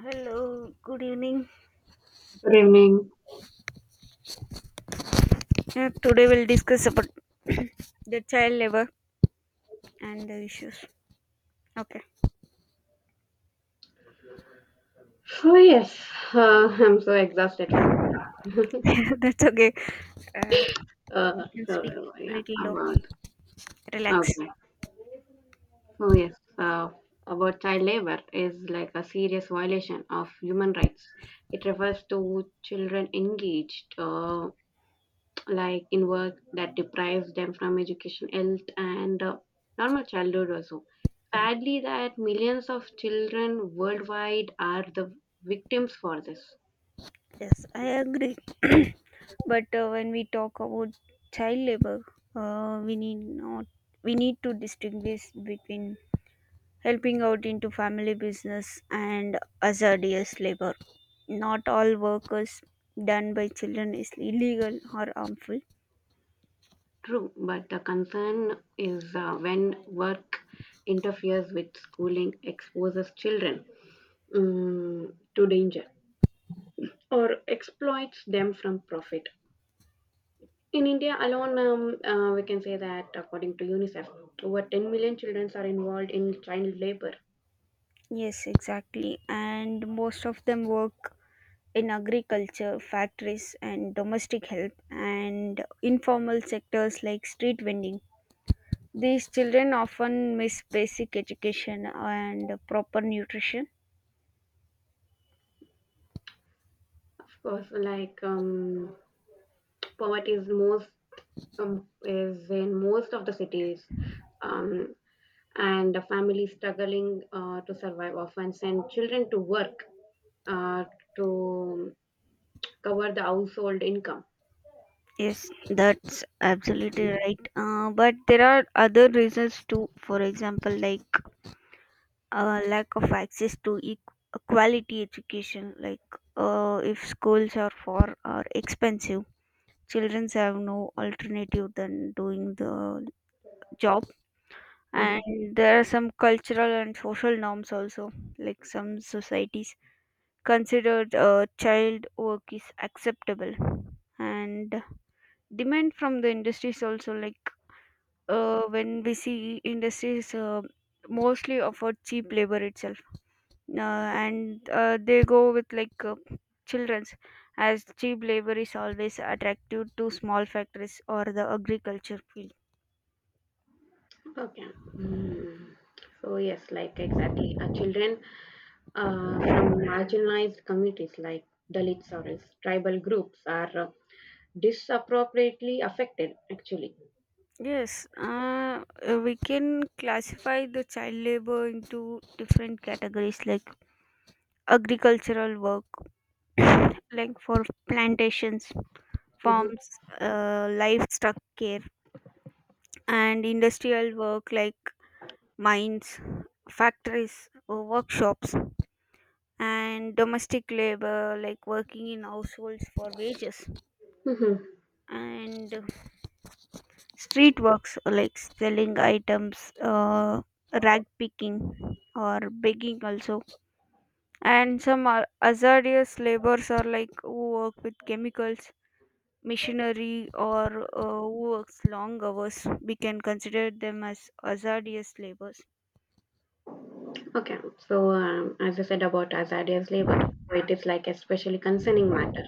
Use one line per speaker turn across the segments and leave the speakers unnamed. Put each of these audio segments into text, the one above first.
Hello, good evening.
Good evening.
Today we'll discuss about the child labor and the issues. Okay,
Oh yes, I'm so exhausted from.
that's okay. Uh, you can speak
So
a
yeah,
little low,
about
relax.
okay. So yes, about child labor is like a serious violation of human rights. It refers to children engaged, like in work that deprives them from education, health, and normal childhood also. Sadly, that millions of children worldwide are the victims for this.
Yes, I agree. But when we talk about child labor, we need not we need to distinguish between helping out into family business and hazardous labor. Not all workers done by children is illegal or harmful.
True, but the concern is when work interferes with schooling, exposes children, to danger, or exploits them from profit. In India alone, we can say that according to UNICEF, over 10 million children are involved in child labor.
Yes, exactly. And most of them work in agriculture, factories, and domestic help, and informal sectors like street vending. These children often miss basic education and proper nutrition.
Of course, like poverty is most, is in most of the cities. Um, and a family struggling to survive often send children to work uh, to cover the household income.
Yes, that's absolutely right. But there are other reasons too. For example, like lack of access to quality education, like if schools are far or expensive. Children have no alternative than doing the job, and
Mhm.
there are some cultural and social norms also. Like some societies considered child work is acceptable, and demand from the industries also. Like when we see industries mostly offer cheap labor itself, and they go with like children's as cheap labor is always attractive to small factories or the agriculture field.
Okay. Mm. So yes, like exactly, children from marginalized communities like Dalits or else tribal groups are disappropriately affected. Actually.
Yes, we can classify the child labor into different categories like agricultural work, like for plantations,
Mhm.
farms, livestock care, and industrial work like mines, factories, or workshops, and domestic labor like working in households for wages,
Mhm.
and street works like selling items, rag picking, or begging also. And some are hazardous labors are like who work with chemicals, machinery, or who works long hours. We can consider them as hazardous labors.
Okay. So as I said about hazardous labor, so it is like especially concerning matter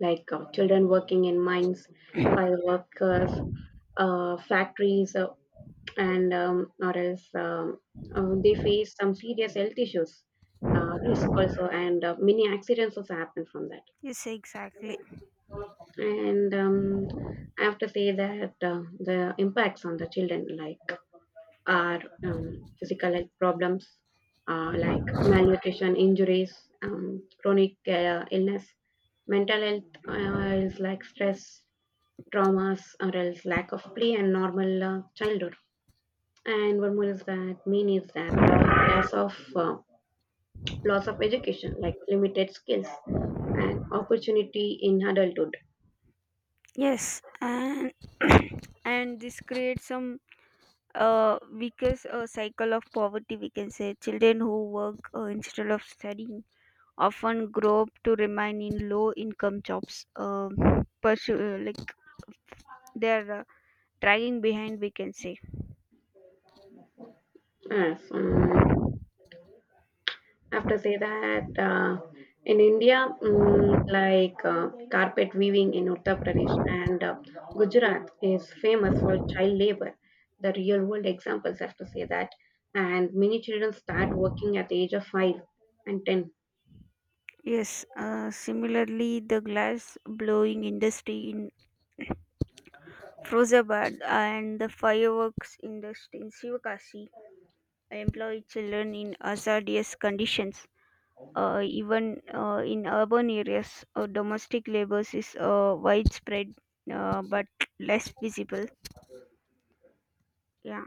like children working in mines, fire workers, factories, and or else they face some serious health issues, risk also, and many accidents also happen from that.
Yes, exactly.
And I have to say that the impacts on the children, like are physical health problems, like malnutrition, injuries, chronic illness, mental health is like stress, traumas or else lack of play and normal childhood. And one more is that main is that law, loss of loss of education, like limited skills and opportunity in adulthood.
Yes, and and this creates some weakest cycle of poverty. We can say children who work instead of studying often grow up to remain in low income jobs pursue, like they are dragging behind, we can say.
Yes, I have to say that in India, like carpet weaving in Uttar Pradesh and Gujarat is famous for child labor. The real world examples I have to say that, and many children start working at the age of 5 and 10.
Yes, similarly the glass blowing industry in Frozabad and the fireworks industry in Sivakasi employ children in hazardous conditions, even in urban areas domestic labor is widespread, but less visible. Yeah.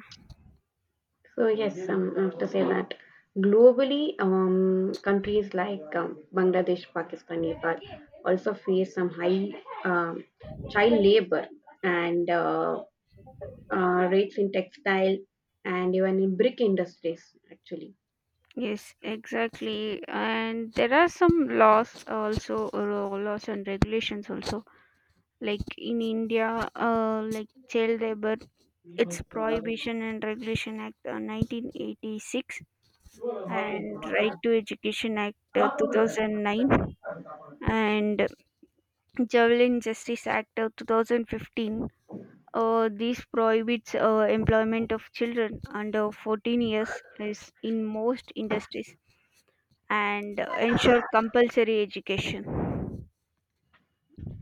So yes, I have to say that globally, countries like Bangladesh, Pakistan, Nepal also face some high um, child labor and rates in textile and even in brick industries actually.
Yes, exactly. And there are some laws also, or laws and regulations also. Like in India, like child labor, it's Prohibition and Regulation Act 1986 and Right to Education Act 2009 and Javelin Justice Act of 2015. This prohibits employment of children under 14 years is in most industries and ensure compulsory education.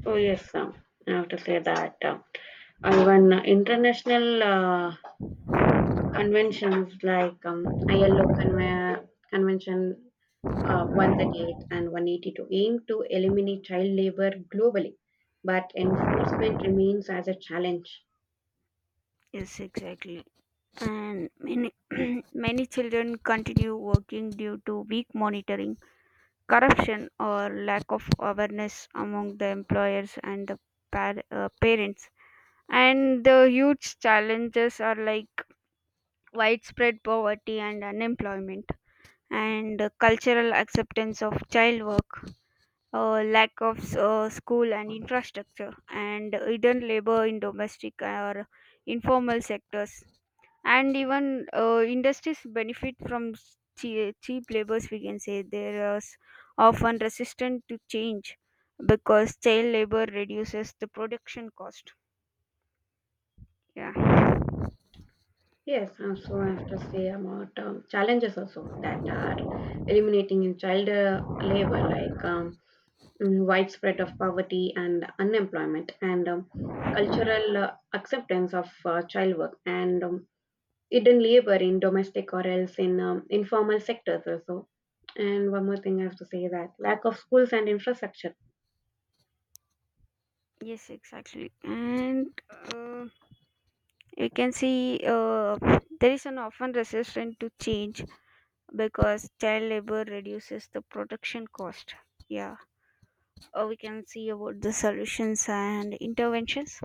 So yes, I have to say that even international conventions like ILO convention 138 and 182 aim to eliminate child labor globally, but enforcement remains as a challenge.
Yes, exactly. And many many children continue working due to weak monitoring, corruption, or lack of awareness among the employers and the parents. And the huge challenges are like widespread poverty and unemployment, and cultural acceptance of child work, lack of school and infrastructure, and hidden labor in domestic or informal sectors, and even industries benefit from cheap labors. We can say they are often resistant to change because child labor reduces the production cost. Yeah.
Yes, and so I have to say about challenges also that are eliminating in child labor, like widespread of poverty and unemployment, and cultural acceptance of child work, and hidden labor in domestic or else in informal sectors also. And one more thing I have to say that lack of schools and infrastructure.
Yes, exactly. And uh, we can see there is an often resistance to change because child labor reduces the production cost. Yeah. We can see about the solutions and interventions.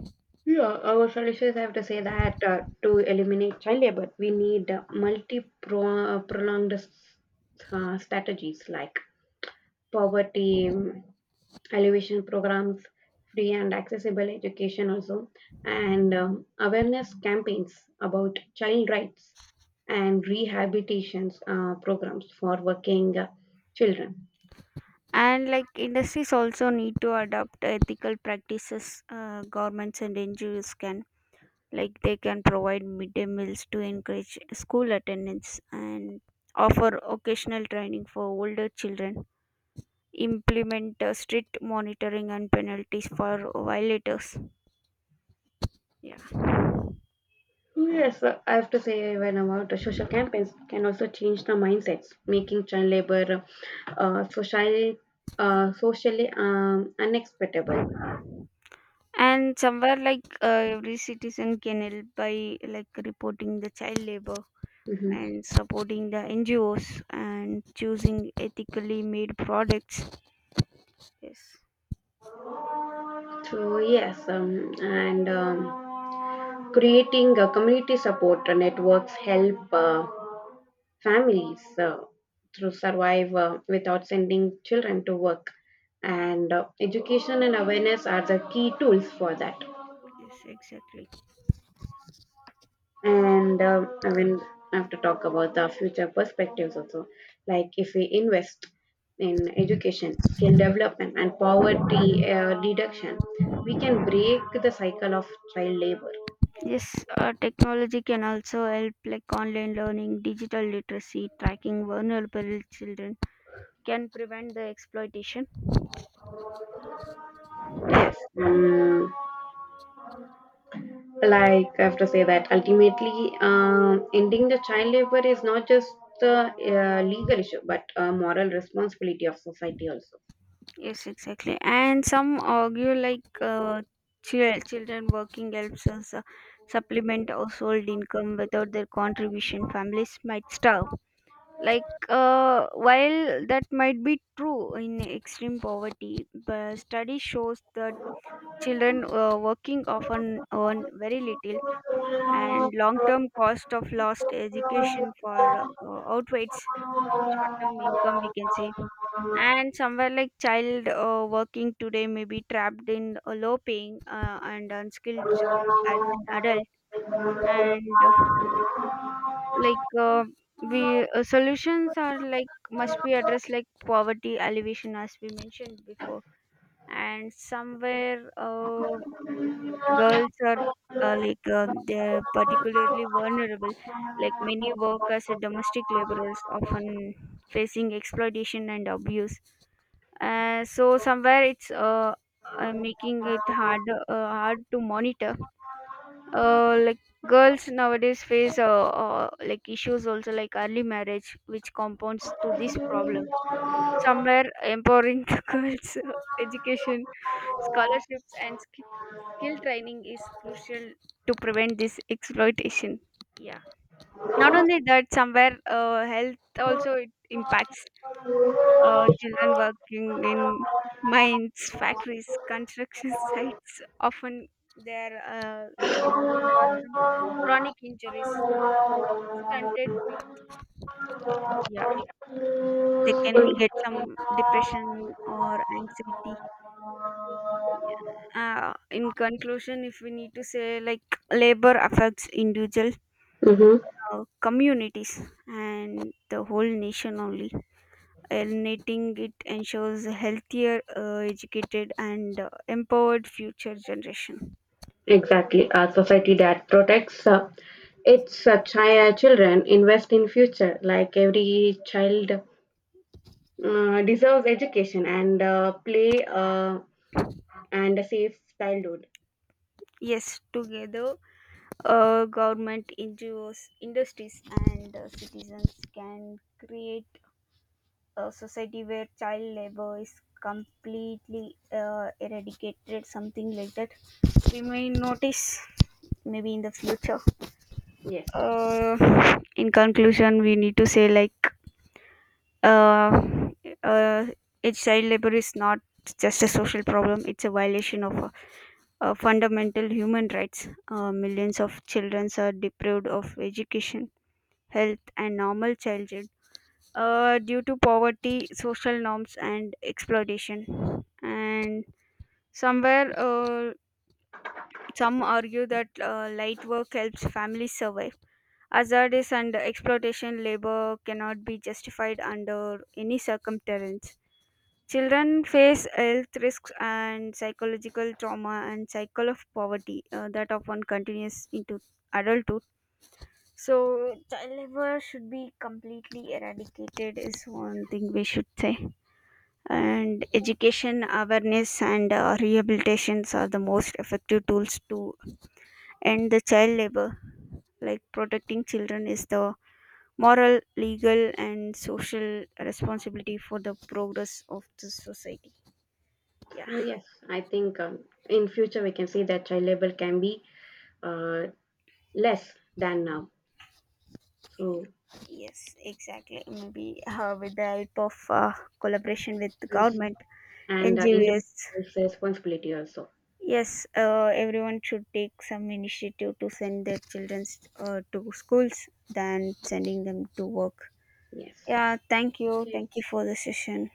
Yeah, our solutions have to say that to eliminate child labor, we need multi prolonged strategies like poverty elevation programs, free and accessible education, also, and awareness campaigns about child rights and rehabilitations programs for working children.
And like industries also need to adopt ethical practices. Governments and ngos can, like, they can provide midday meals to encourage school attendance and offer occasional training for older children, implement strict monitoring and penalties for violators.
Oh, yes, I have to say when about the social campaigns can also change the mindsets, making child labor uh, socially socially unacceptable.
Yeah. And somewhere like every citizen can help by like reporting the child labor
Hmm.
and supporting the NGOs and choosing ethically made products. Yes,
So yes, and creating a community support networks help families to survive without sending children to work, and education and awareness are the key tools for that.
yes, exactly.
And I have to talk about the future perspectives also. Like if we invest in education, skill development, and poverty reduction, we can break the cycle of child labor.
Yes, technology can also help like online learning, digital literacy, tracking vulnerable children can prevent the exploitation.
Yes, um, like I have to say that ultimately, ending the child labor is not just the legal issue, but a moral responsibility of society also.
Yes, exactly. And some argue like children working helps us supplement household income. Without their contribution, families might starve. Like while that might be true in extreme poverty, but study shows that children working often earn very little, and long-term cost of lost education for outweighs short-term income, we can say. And somewhere like child working today may be trapped in a low paying and unskilled job as an adult. And like we solutions are like must be addressed like poverty alleviation as we mentioned before. And somewhere girls are they're particularly vulnerable, like many work as a domestic laborers, often facing exploitation and abuse. So somewhere it's making it hard to monitor. uh, like Girls nowadays face like issues also like early marriage which compounds to this problem. Somewhere empowering the girls, education, scholarships and skill training is crucial to prevent this exploitation. Yeah. Not only that, somewhere health also it impacts children working in mines, factories, construction sites. Often, they can cause some chronic injuries or stunted growth. Yeah, they can get some depression or anxiety. Yeah. In conclusion, if we need to say, like labor affects individuals,
Mm-hmm.
communities, and the whole nation only. Eliminating it ensures a healthier, educated, and empowered future generation.
Exactly. A society that protects it's such children invest in future like every child deserves education and play and a safe childhood.
Yes, together, government, NGOs, industries, and citizens can create a society where child labor is completely eradicated, something like that. We may notice maybe in the future.
Yes.
In conclusion, we need to say like uh, uh, a child labor is not just a social problem, it's a violation of fundamental human rights. Millions of children are deprived of education, health and normal childhood due to poverty, social norms and exploitation. And somewhere some argue that light work helps families survive. Hazardous and exploitation labor cannot be justified under any circumstance. Children face health risks and psychological trauma and cycle of poverty that often continues into adulthood. So, child labor should be completely eradicated, is one thing we should say. And education, awareness, and rehabilitations are the most effective tools to end the child labor. Like protecting children is the moral, legal, and social responsibility for the progress of the society. Yeah.
Oh yes, I think in future we can see that child labor can be uh, less than now so.
Yes, exactly. Maybe with the help of collaboration with the
and
government,
and, uh,
NGOs.
individual's responsibility also.
Yes, everyone should take some initiative to send their children to schools than sending them to work.
Yes.
Yeah, thank you. Thank you for the session.